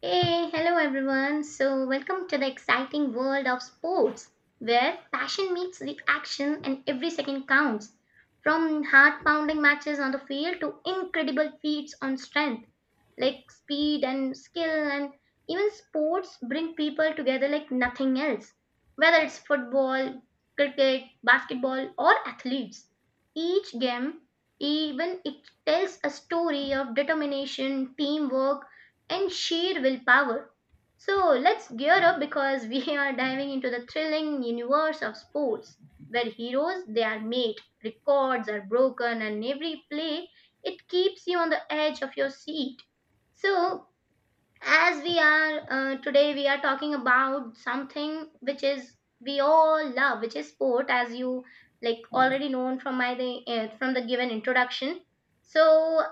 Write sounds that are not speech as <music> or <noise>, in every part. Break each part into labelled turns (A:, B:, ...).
A: Hey, hello everyone. So, welcome to the exciting world of sports where passion meets the action and every second counts. From heart pounding matches on the field to incredible feats on strength, like speed and skill, and even sports bring people together like nothing else. Whether it's football, cricket, basketball, or athletes, each game, even it tells a story of determination, teamwork, and sheer willpower. So let's gear up because we <laughs> are diving into the thrilling universe of sports where heroes they are made, records are broken and every play it keeps you on the edge of your seat. So as we are today we are talking about something which is we all love, which is sport. As you like already known from my the from the given introduction, so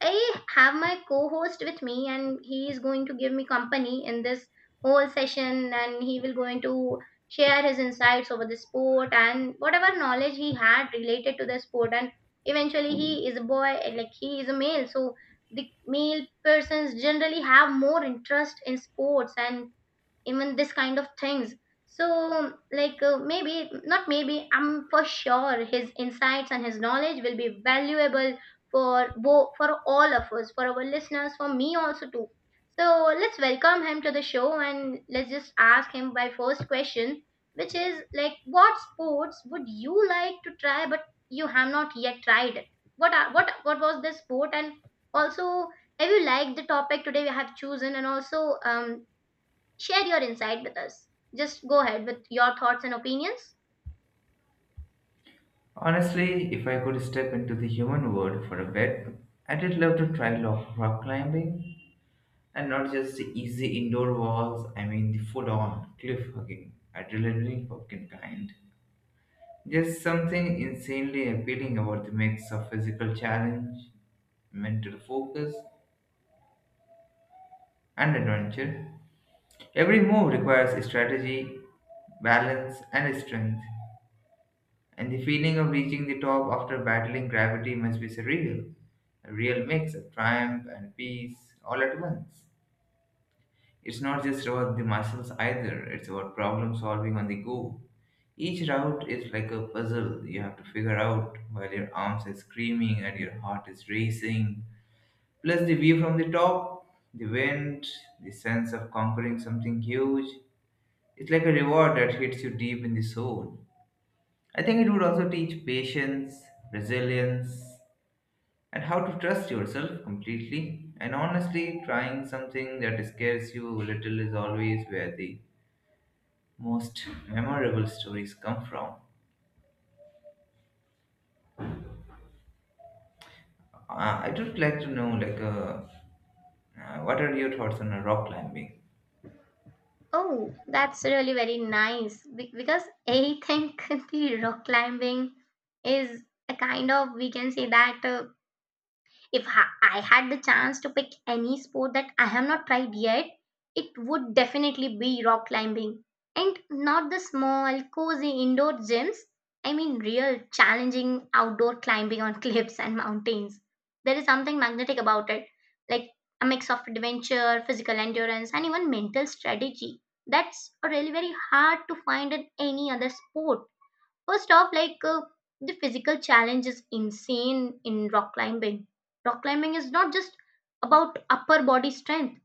A: I have my co-host with me and he is going to give me company in this whole session, and he will going to share his insights over the sport and whatever knowledge he had related to the sport. And eventually he is a boy, like he is a male, so the male persons generally have more interest in sports and even this kind of things. So maybe not, maybe I'm for sure his insights and his knowledge will be valuable for both, for all of us, for our listeners, for me also too. So let's welcome him to the show and let's just ask him my first question, which is like, what sports would you like to try but you have not yet tried it? What are, what what was this sport? And also, have you liked the topic today we have chosen? And also, share your insight with us. Just go ahead with your thoughts and opinions.
B: Honestly, if I could step into the human world for a bit, I'd love to try rock climbing and not just the easy indoor walls, I mean the full on cliff hugging, adrenaline fucking kind. There's something insanely appealing about the mix of physical challenge, mental focus, and adventure. Every move requires strategy, balance, and strength. And the feeling of reaching the top after battling gravity must be surreal. A real mix of triumph and peace all at once. It's not just about the muscles either, it's about problem solving on the go. Each route is like a puzzle you have to figure out while your arms are screaming and your heart is racing. Plus, the view from the top, the wind, the sense of conquering something huge. It's like a reward that hits you deep in the soul. I think it would also teach patience, resilience, and how to trust yourself completely. And honestly, trying something that scares you a little is always where the most memorable stories come from. Uh, I would like to know, what are your thoughts on rock climbing?
A: Oh, that's really very nice because I think <laughs> the rock climbing is a kind of, we can say that If ha- I had the chance to pick any sport that I have not tried yet, it would definitely be rock climbing. And not the small, cozy indoor gyms. I mean, real challenging outdoor climbing on <laughs> cliffs and mountains. There is something magnetic about it, like a mix of adventure, physical endurance, and even mental strategy that's really very hard to find in any other sport. First off, the physical challenge is insane in rock climbing. Rock climbing is not just about upper body strength.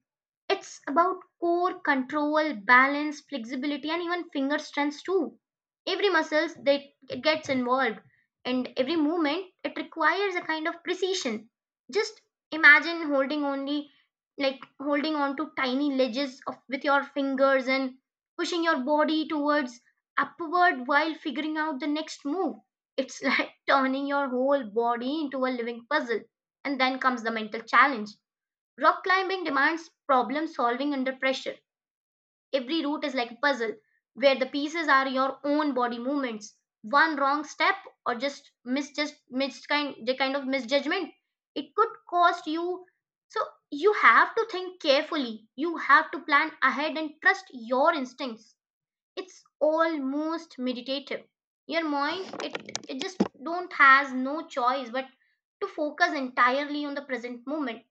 A: It's about core control, balance, flexibility, and even finger strength too. Every muscles that it gets involved, and every movement it requires a kind of precision. Just imagine holding only, like holding on to tiny ledges of with your fingers and pushing your body towards upward while figuring out the next move. It's <laughs> like turning your whole body into a living puzzle. And then comes the mental challenge. Rock climbing demands problem solving under pressure. Every route is like a puzzle where the pieces are your own body movements. One wrong step or just mis kind the kind of misjudgment, it could cost you. So you have to think carefully. You have to plan ahead and trust your instincts. It's almost meditative. Your mind, it just don't has no choice but to focus entirely on the present moment.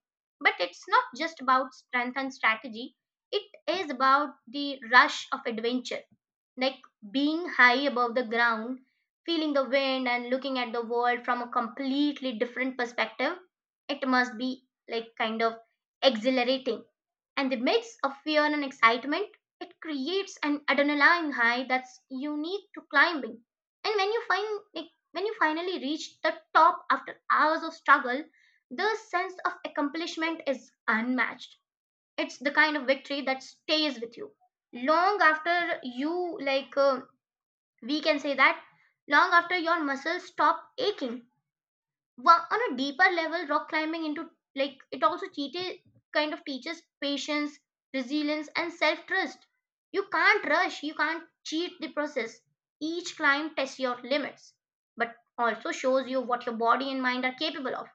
A: But it's not just about strength and strategy, it is about the rush of adventure, like being high above the ground, feeling the wind and looking at the world from a completely different perspective. It must be like kind of exhilarating, and the mix of fear and excitement, it creates an adrenaline high that's unique to climbing. And when you when you finally reach the top after hours of struggle, the sense of accomplishment is unmatched. It's the kind of victory that stays with you long after you like we can say that long after your muscles stop aching. Well, on a deeper level, rock climbing into, like it also cheated, kind of teaches patience, resilience, and self trust. You can't rush, you can't cheat the process. Each climb tests your limits, but also shows you what your body and mind are capable of.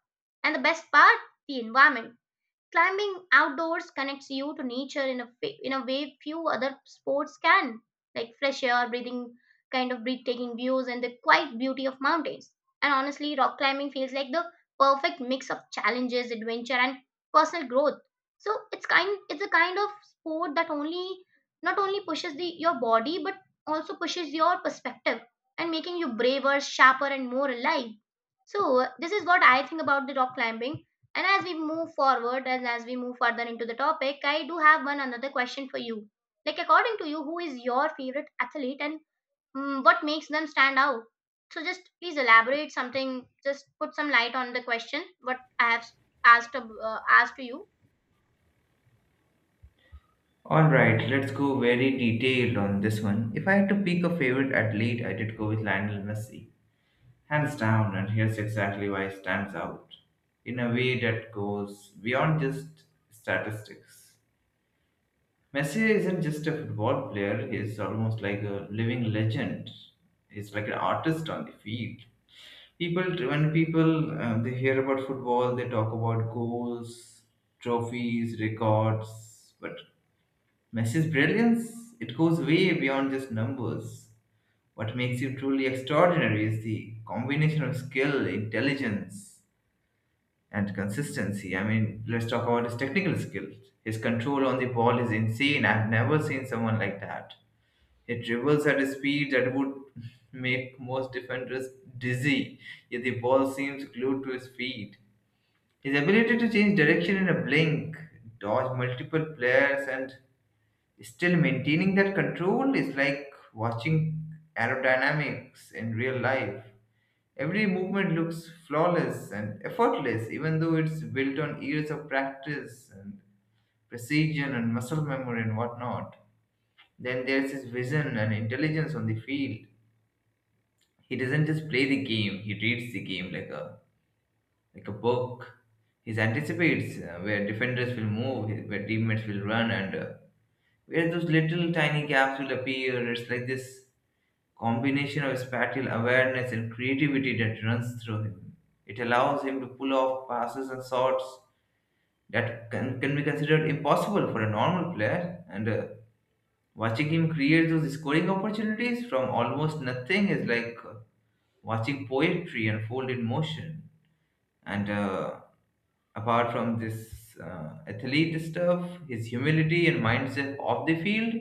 A: And the best part, the environment. Climbing outdoors connects you to nature in a way few other sports can, like fresh air, breathing, kind of breathtaking views, and the quiet beauty of mountains. And honestly, rock climbing feels like the perfect mix of challenges, adventure, and personal growth. So it's a kind of sport that only not only pushes the your body but also pushes your perspective, and making you braver, sharper, and more alive. So this is what I think about the rock climbing. And as we move forward and as we move further into the topic, I do have one another question for you. Like, according to you, who is your favorite athlete, and what makes them stand out? So just please elaborate something, just put some light on the question, what I have asked, asked to you.
B: All right, let's go very detailed on this one. If I had to pick a favorite athlete, I did go with Lionel Messi. Hands down, and here's exactly why it stands out in a way that goes beyond just statistics. Messi isn't just a football player, he's almost like a living legend. He's like an artist on the field. People, when people they hear about football, they talk about goals, trophies, records. But Messi's brilliance, it goes way beyond just numbers. What makes him truly extraordinary is the combination of skill, intelligence, and consistency. I mean, let's talk about his technical skills. His control on the ball is insane. I've never seen someone like that. He dribbles at a speed that would make most defenders dizzy, yet the ball seems glued to his feet. His ability to change direction in a blink, dodge multiple players, and still maintaining that control is like watching aerodynamics in real life. Every movement looks flawless and effortless, even though it's built on years of practice and precision and muscle memory and whatnot. Then there's his vision and intelligence on the field. He doesn't just play the game; he reads the game like a book. He anticipates where defenders will move, where teammates will run, and where those little tiny gaps will appear. It's like this combination of spatial awareness and creativity that runs through him. It allows him to pull off passes and shots that can be considered impossible for a normal player. And watching him create those scoring opportunities from almost nothing is like watching poetry unfold in motion. And apart from this athlete stuff, his humility and mindset off the field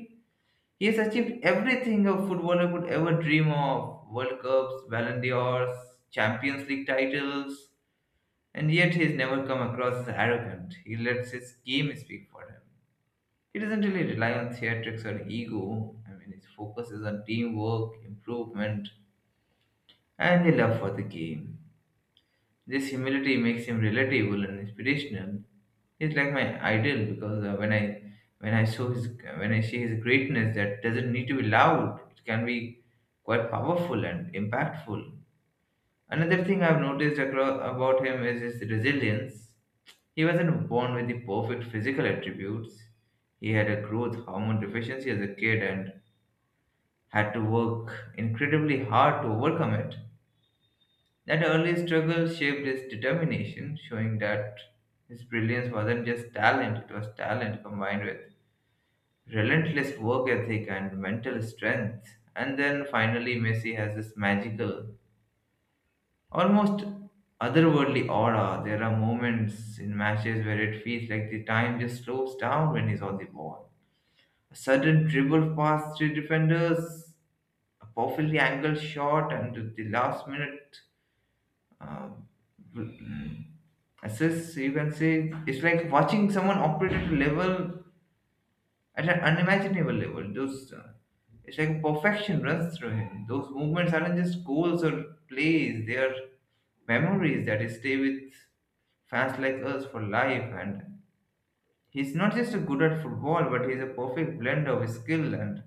B: he has achieved everything a footballer could ever dream of World Cups, Ballon d'Ors, Champions League titles, and yet he has never come across as arrogant. He lets his game speak for him. He doesn't really rely on theatrics or ego. I mean, his focus is on teamwork, improvement, and the love for the game. This humility makes him relatable and inspirational. He's like my idol because when I saw his when I see his greatness, that doesn't need to be loud. It can be quite powerful and impactful. Another thing I've noticed across, about him is his resilience. He wasn't born with the perfect physical attributes. He had a growth hormone deficiency as a kid and had to work incredibly hard to overcome it. That early struggle shaped his determination, showing that his brilliance wasn't just talent, it was talent combined with relentless work ethic and mental strength. And then finally, Messi has this magical, almost otherworldly aura. There are moments in matches where it feels like the time just slows down when he's on the ball. A sudden dribble past three defenders, a perfectly angled shot, and the last minute uh, assess you can say it's like watching someone operate at a level at an unimaginable level those it's like perfection runs through him. Those movements aren't just goals or plays, they are memories that stay with fans like us for life. And he's not just a good at football, but he's a perfect blend of skill and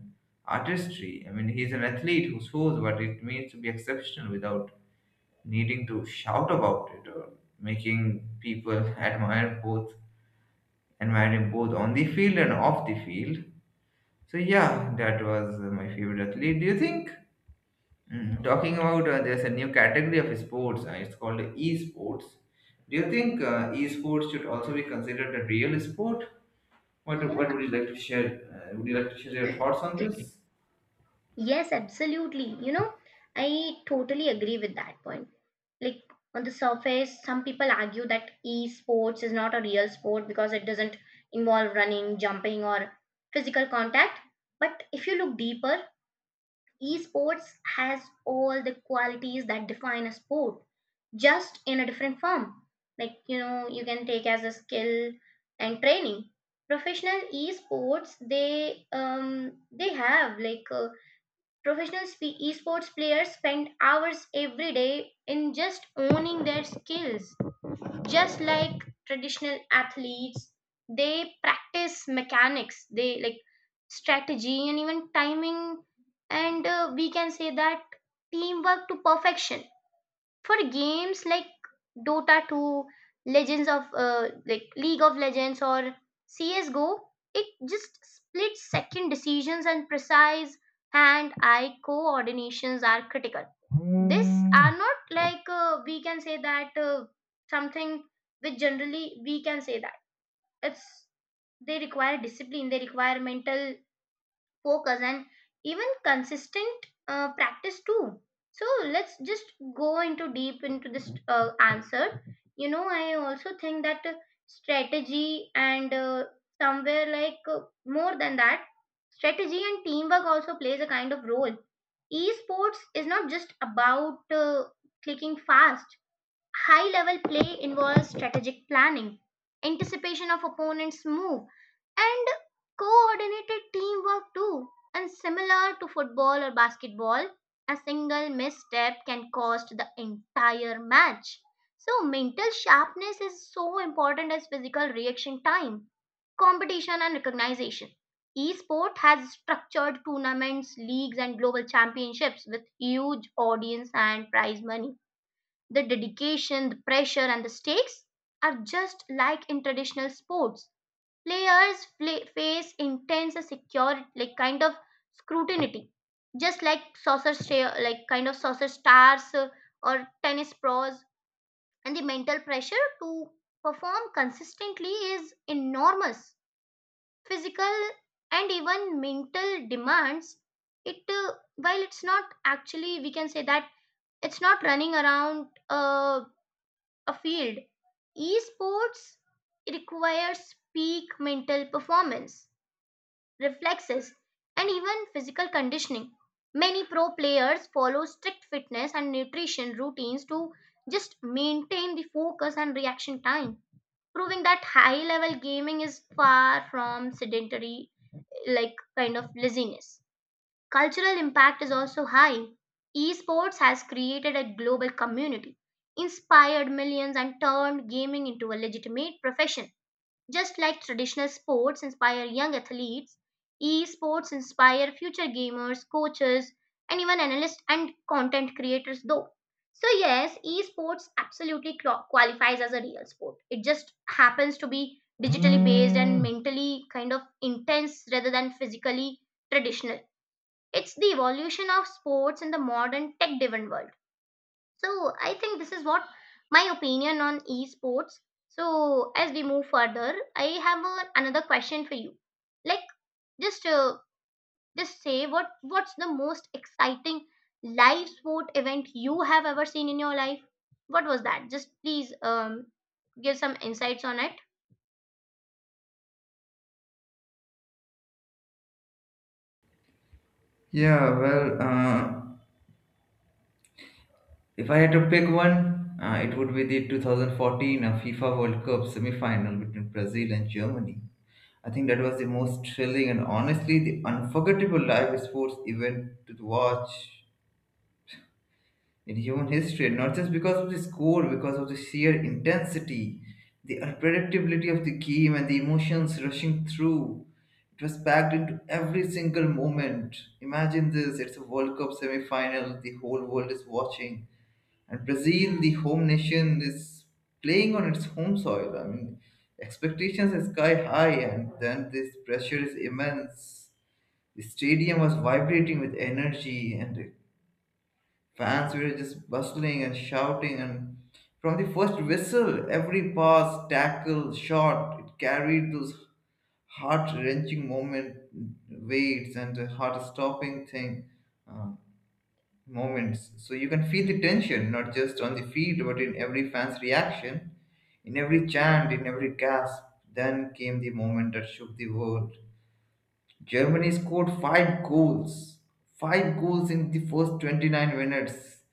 B: artistry. I mean, he's an athlete who shows what it means to be exceptional without needing to shout about it or making people admire both admire him both on the field and off the field. So yeah, that was my favorite athlete. Do you think? Talking about there's a new category of sports. It's called esports. Do you think esports should also be considered a real sport?
A: Yeah.
B: What would you like to share? Would you like to share your thoughts
A: <clears throat>
B: on this?
A: Yes, absolutely. You know, I totally agree with that point. Like, on the surface, some people argue that esports is not a real sport because it doesn't involve running, jumping or physical contact. But if you look deeper, esports has all the qualities that define a sport, just in a different form. Like, you know, you can take as a skill and training professional esports, they have like professional esports players spend hours every day in just owning their skills. Just like traditional athletes, they practice mechanics, they like strategy and even timing, and we can say that teamwork to perfection for games like Dota 2, Legends of League of Legends or CS:GO, it just split second decisions and precise hand-eye coordinations are critical. This are not like, we can say that something which generally we can say that it's, they require discipline, they require mental focus and even consistent practice too. So let's just go into deep into this answer. You know, I also think that strategy and, somewhere like more than that, strategy and teamwork also plays a kind of role. Esports is not just about clicking fast. High level play involves strategic planning, anticipation of opponents' move, and coordinated teamwork too. And similar to football or basketball, a single misstep can cost the entire match. So mental sharpness is so important as physical reaction time, competition, and recognition. Esport has structured tournaments, leagues, and global championships with huge audience and prize money. The dedication, the pressure, and the stakes are just like in traditional sports. Players face intense security, like kind of scrutiny, just like kind of saucer stars or tennis pros. And the mental pressure to perform consistently is enormous. Physical and even mental demands. It while it's not actually, we can say that, it's not running around a field. Esports requires peak mental performance, reflexes, and even physical conditioning. Many pro players follow strict fitness and nutrition routines to just maintain the focus and reaction time, proving that high level gaming is far from sedentary, like kind of laziness. Cultural impact is also high. Esports has created a global community, inspired millions, and turned gaming into a legitimate profession. Just like traditional sports inspire young athletes, esports inspire future gamers, coaches, and even analysts and content creators, though. So yes, esports absolutely qualifies as a real sport. It just happens to be digitally based and, mm, mentally kind of intense rather than physically traditional. It's the evolution of sports in the modern tech driven world. So I think this is what my opinion on esports. So as we move further, I have another question for you. Like, just uh, just say, what what's the most exciting live sport event you have ever seen in your life? What was that? Just please, give some insights on it.
B: Yeah, well, uh, If I had to pick one, it would be the 2014 FIFA World Cup semi-final between Brazil and Germany. I think that was the most thrilling and honestly the unforgettable live sports event to watch in human history. Not just because of the score, because of the sheer intensity, the unpredictability of the game, and the emotions rushing through. It was packed into every single moment. Imagine this: it's a World Cup semi-final. The whole world is watching and Brazil, the home nation, is playing on its home soil. I mean, expectations are sky high, and then this pressure is immense. The stadium was vibrating with energy, and the fans were just bustling and shouting. And from the first whistle, every pass, tackle, shot, it carried those heart wrenching moment weights and the heart stopping thing. Uh, moments. So you can feel the tension, not just on the field, but in every fan's reaction, in every chant, in every gasp. Then came the moment that shook the world. Germany scored five goals. Five goals in the first 29 minutes.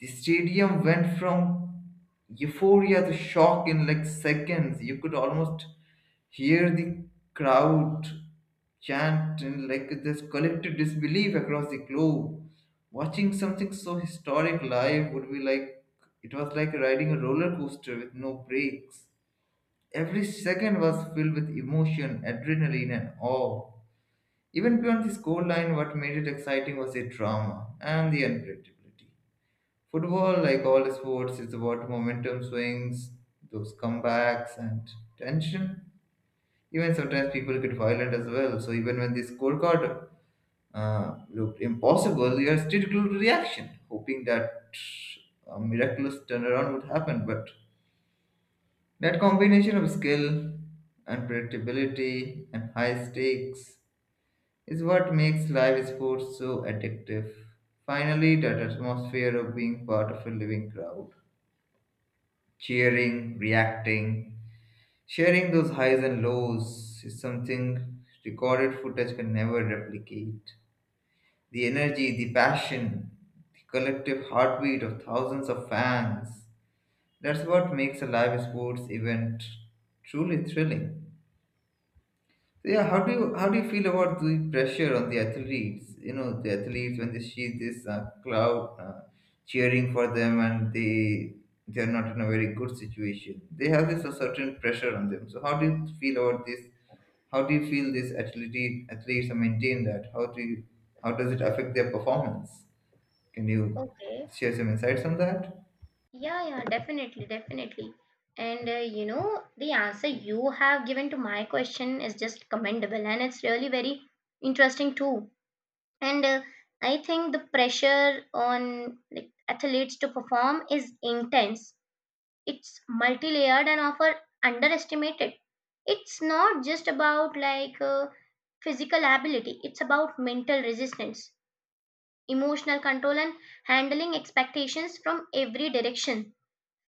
B: The stadium went from euphoria to shock in like seconds. You could almost here, the crowd chant and like this collective disbelief across the globe. Watching something so historic live would be like it was like riding a roller coaster with no brakes. Every second was filled with emotion, adrenaline, and awe. Even beyond the scoreline, what made it exciting was the drama and the unpredictability. Football, like all sports, is about momentum swings, those comebacks, and tension. Even sometimes people get violent as well. So even when the scorecard looked impossible, you are still glued to the action, hoping that a miraculous turnaround would happen. But that combination of skill, unpredictability, and high stakes is what makes live sports so addictive. Finally, that atmosphere of being part of a living crowd, cheering, reacting, sharing those highs and lows is something recorded footage can never replicate. The energy, the passion, the collective heartbeat of thousands of fans. That's what makes a live sports event truly thrilling. So yeah, how do you feel about the pressure on the athletes? You know, the athletes when they see this crowd cheering for them and they are not in a very good situation. They have this a certain pressure on them. So how do you feel about this? How do you feel these athletes maintain that? How does it affect their performance? Can you
A: Okay.
B: share some insights on that?
A: Yeah, yeah, definitely, definitely. And you know, the answer you have given to my question is just commendable and it's really very interesting too. And I think the pressure on like athletes to perform is intense. It's multi-layered and often underestimated. It's not just about physical ability, it's about mental resistance, emotional control and handling expectations from every direction: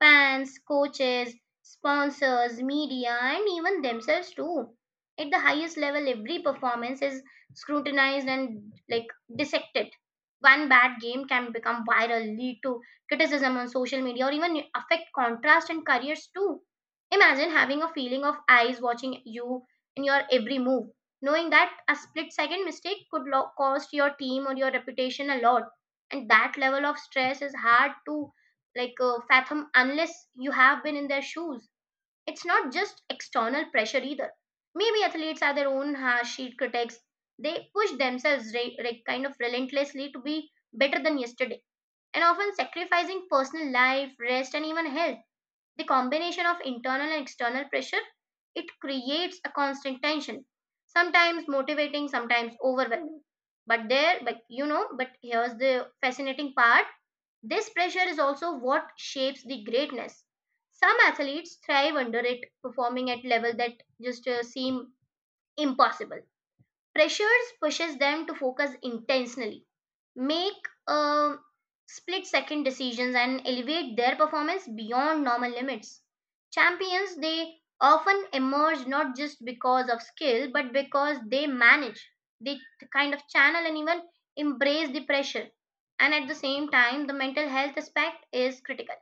A: fans, coaches, sponsors, media, and even themselves too. At the highest level, every performance is scrutinized and like dissected. One bad game can become viral, lead to criticism on social media, or even affect contrast and careers too. Imagine having a feeling of eyes watching you in your every move, knowing that a split second mistake could cost your team or your reputation a lot. And that level of stress is hard to fathom unless you have been in their shoes. It's not just external pressure either. Maybe athletes are their own harsh sheet critics. They push themselves kind of relentlessly to be better than yesterday and often sacrificing personal life, rest, and even health. The combination of internal and external pressure it creates a constant tension, sometimes motivating, sometimes overwhelming. But there, but you know, but here's the fascinating part, this pressure is also what shapes the greatness. Some athletes thrive under it, performing at levels that just seem impossible. Pressures pushes them to focus intentionally, make split second decisions and elevate their performance beyond normal limits. Champions, they often emerge not just because of skill, but because they manage, they kind of channel and even embrace the pressure. And at the same time, the mental health aspect is critical.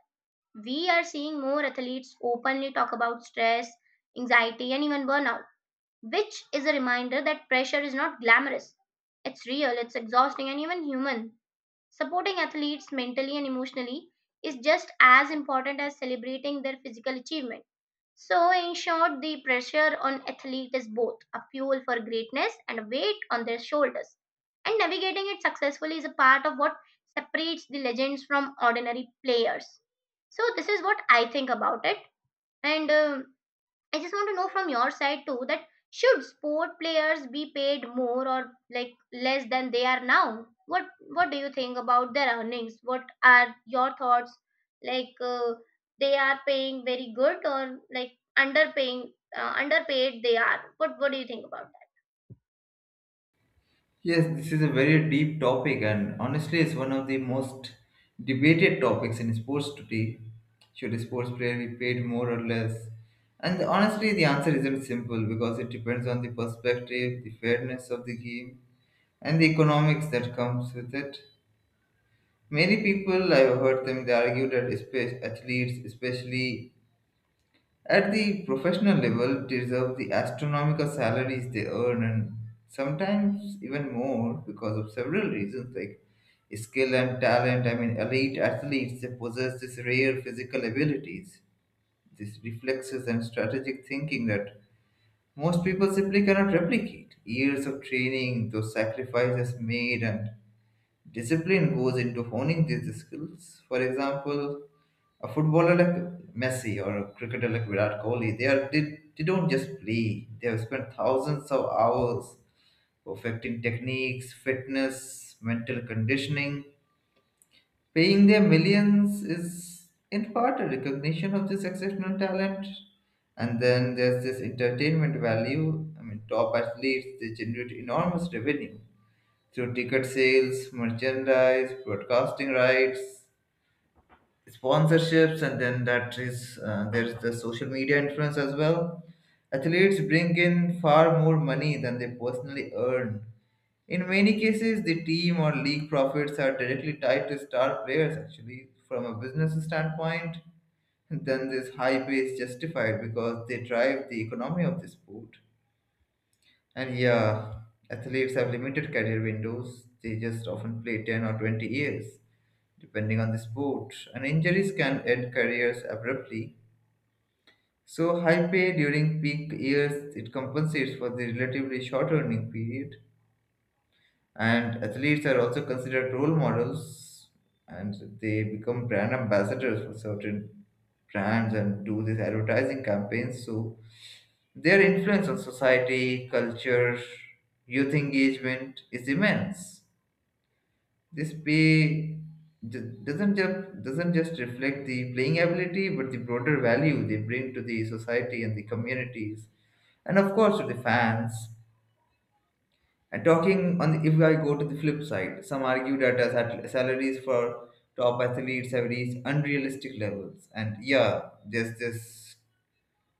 A: We are seeing more athletes openly talk about stress, anxiety, and even burnout, which is a reminder that pressure is not glamorous. It's real, it's exhausting, and even human. Supporting athletes mentally and emotionally is just as important as celebrating their physical achievement. So, in short, the pressure on athletes is both a fuel for greatness and a weight on their shoulders. And navigating it successfully is a part of what separates the legends from ordinary players. So, this is what I think about it. And I just want to know from your side too that should sport players be paid more or like less than they are now? What do you think about their earnings? What are your thoughts? Like they are paying very good or like underpaying, underpaid they are. What do you think about?
B: Yes, this is a very deep topic, and honestly, it's one of the most debated topics in sports today. Should sports player be paid more or less? And honestly, the answer isn't simple because it depends on the perspective, the fairness of the game, and the economics that comes with it. Many people, I've heard them, they argue that athletes, especially at the professional level, they deserve the astronomical salaries they earn and sometimes even more because of several reasons like skill and talent. I mean, elite athletes they possess these rare physical abilities, these reflexes and strategic thinking that most people simply cannot replicate. Years of training, those sacrifices made, and discipline goes into honing these skills. For example, a footballer like Messi or a cricketer like Virat Kohli, they don't just play. They have spent thousands of hours perfecting techniques, fitness, mental conditioning. Paying their millions is in part a recognition of this exceptional talent. And then there's this entertainment value. I mean, top athletes they generate enormous revenue through ticket sales, merchandise, broadcasting rights, sponsorships and then that is there's the social media influence as well. Athletes bring in far more money than they personally earn in many cases. The team or league profits are directly tied to star players. Actually from a business standpoint then this high pay is justified because they drive the economy of the sport. And yeah, athletes have limited career windows. They just often play 10 or 20 years depending on the sport, and injuries can end careers abruptly. So, high pay during peak years it compensates for the relatively short earning period, and athletes are also considered role models, and they become brand ambassadors for certain brands and do these advertising campaigns. So, their influence on society, culture, youth engagement is immense. This pay doesn't just reflect the playing ability, but the broader value they bring to the society and the communities, and of course to the fans. And talking on the, if I go to the flip side, some argue that salaries for top athletes have reached unrealistic levels, and yeah, there's this.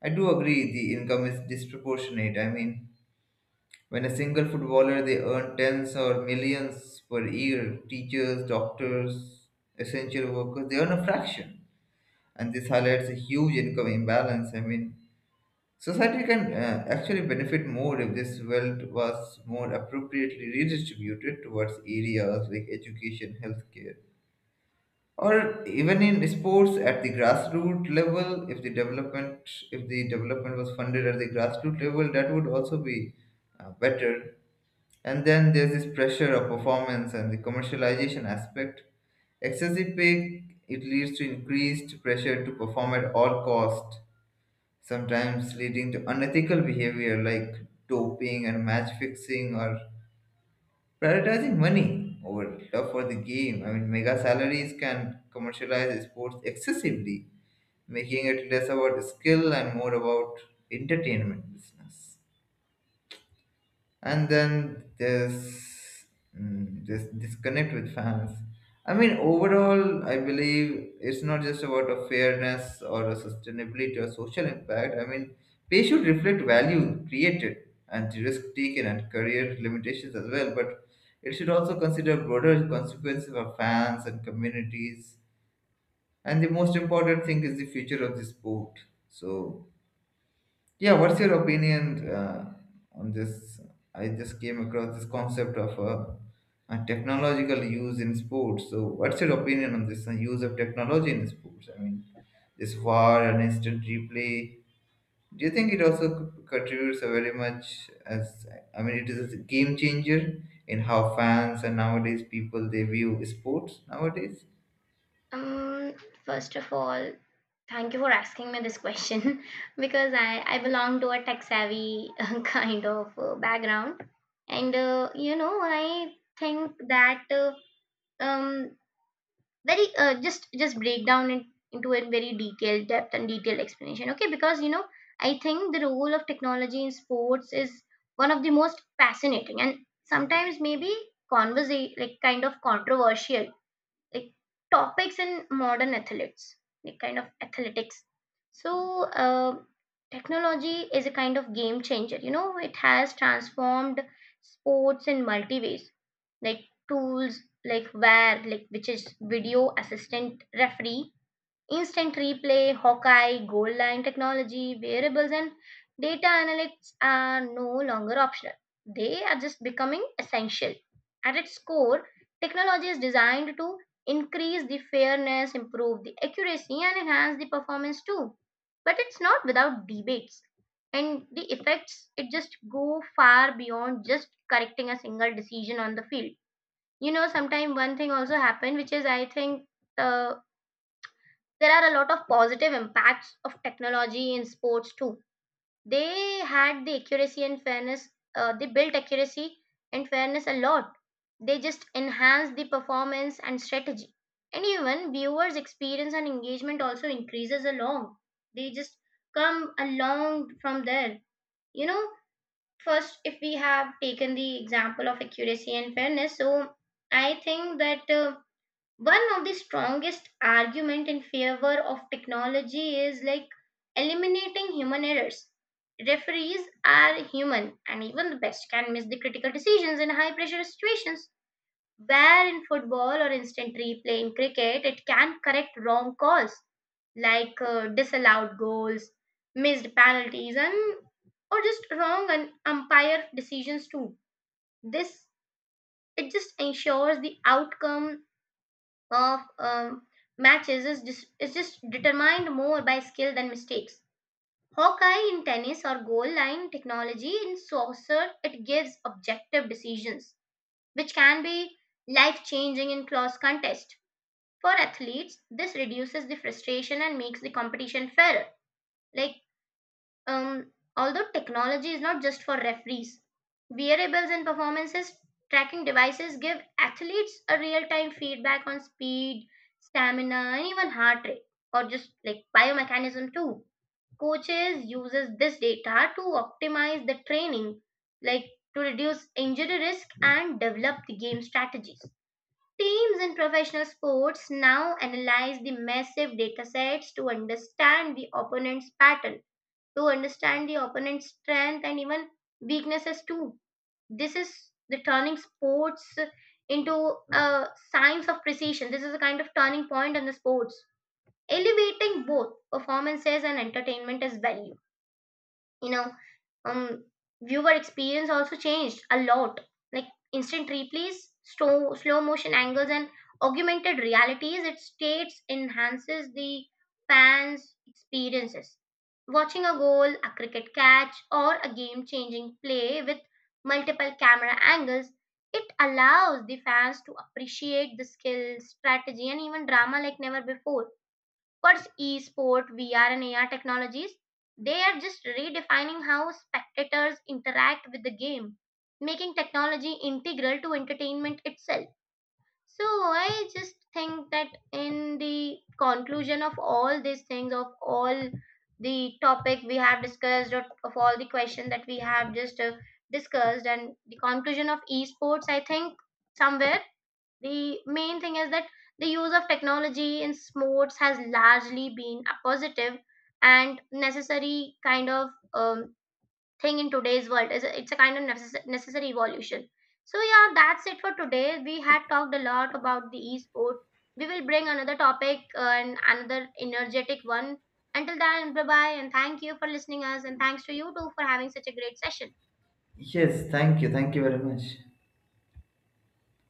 B: I do agree the income is disproportionate. I mean, when a single footballer, they earn tens or millions per year. Teachers, doctors, essential workers, they earn a fraction. And this highlights a huge income imbalance. I mean, society can actually benefit more if this wealth was more appropriately redistributed towards areas like education, healthcare, or even in sports at the grassroots level. If the development was funded at the grassroots level, that would also be better. And then there's this pressure of performance and the commercialization aspect. Excessive pay it leads to increased pressure to perform at all cost, sometimes leading to unethical behavior like doping and match fixing or prioritizing money over love for the game. I mean, mega salaries can commercialize sports excessively, making it less about skill and more about entertainment business. And then there's this disconnect with fans. I mean, overall, I believe it's not just about a fairness or a sustainability or social impact. I mean, pay should reflect value created and the risk taken and career limitations as well, but it should also consider broader consequences for fans and communities. And the most important thing is the future of the sport. So yeah, what's your opinion on this? I just came across this concept of a technological use in sports. So, what's your opinion on this use of technology in sports? I mean, this VAR and instant replay. Do you think it also contributes very much as I mean, it is a game changer in how fans and nowadays people they view sports nowadays?
A: Um, First of all, thank you for asking me this question <laughs> because I belong to a tech savvy <laughs> kind of background. And, you know, I think that um, very just break down it into a very detailed depth and detailed explanation. Okay, because, you know, I think the role of technology in sports is one of the most fascinating and sometimes maybe like kind of controversial like topics in modern athletes like kind of athletics. So uh, technology is a kind of game changer. You know, it has transformed sports in multi ways, like tools like where like which is video assistant referee, instant replay, Hawkeye, goal line technology, variables, and data analytics are no longer optional. They are just becoming essential. At its core, technology is designed to increase the fairness, improve the accuracy, and enhance the performance too. But it's not without debates. And the effects, it just go far beyond just correcting a single decision on the field. You know, sometimes one thing also happened, which is I think the there are a lot of positive impacts of technology in sports too. They had the accuracy and fairness, they built accuracy and fairness a lot. They just enhanced the performance and strategy. And even viewers' experience and engagement also increases along. They just come along from there. You know, first, if we have taken the example of accuracy and fairness, so I think that. One of the strongest argument in favor of technology is like eliminating human errors. Referees are human and even the best can miss the critical decisions in high pressure situations, where in football or instant replay in cricket it can correct wrong calls like disallowed goals, missed penalties, and or just wrong and umpire decisions too. This it just ensures the outcome of matches is just determined more by skill than mistakes. Hawkeye in tennis or goal line technology in soccer, it gives objective decisions, which can be life changing in close contest. For athletes, this reduces the frustration and makes the competition fairer. Like um, although technology is not just for referees, wearables and performances tracking devices give athletes a real time feedback on speed, stamina, and even heart rate, or just like biomechanism too. Coaches uses this data to optimize the training, like to reduce injury risk and develop the game strategies. Teams in professional sports now analyze the massive data sets to understand the opponent's pattern, to understand the opponent's strength and even weaknesses too. This is the turning sports into a science of precision. This is a kind of turning point in the sports, elevating both performances and entertainment as value. You know, um viewer experience also changed a lot, like instant replays, slow motion angles and augmented realities it states enhances the fans experiences. Watching a goal, a cricket catch or a game changing play with multiple camera angles, it allows the fans to appreciate the skill, strategy and even drama like never before. What's e-sport, VR, and AR technologies? They are just redefining how spectators interact with the game, making technology integral to entertainment itself. So I just think that in the conclusion of all these things, of all the topic we have discussed, or of all the question that we have just discussed, and the conclusion of esports, I think somewhere the main thing is that the use of technology in sports has largely been a positive and necessary kind of thing in today's world. It's a kind of necessary evolution. So yeah, that's it for today. We had talked a lot about the esport. We will bring another topic and another energetic one. Until then, bye bye and thank you for listening us and thanks to you too for having such a great session.
B: Yes, thank you very much.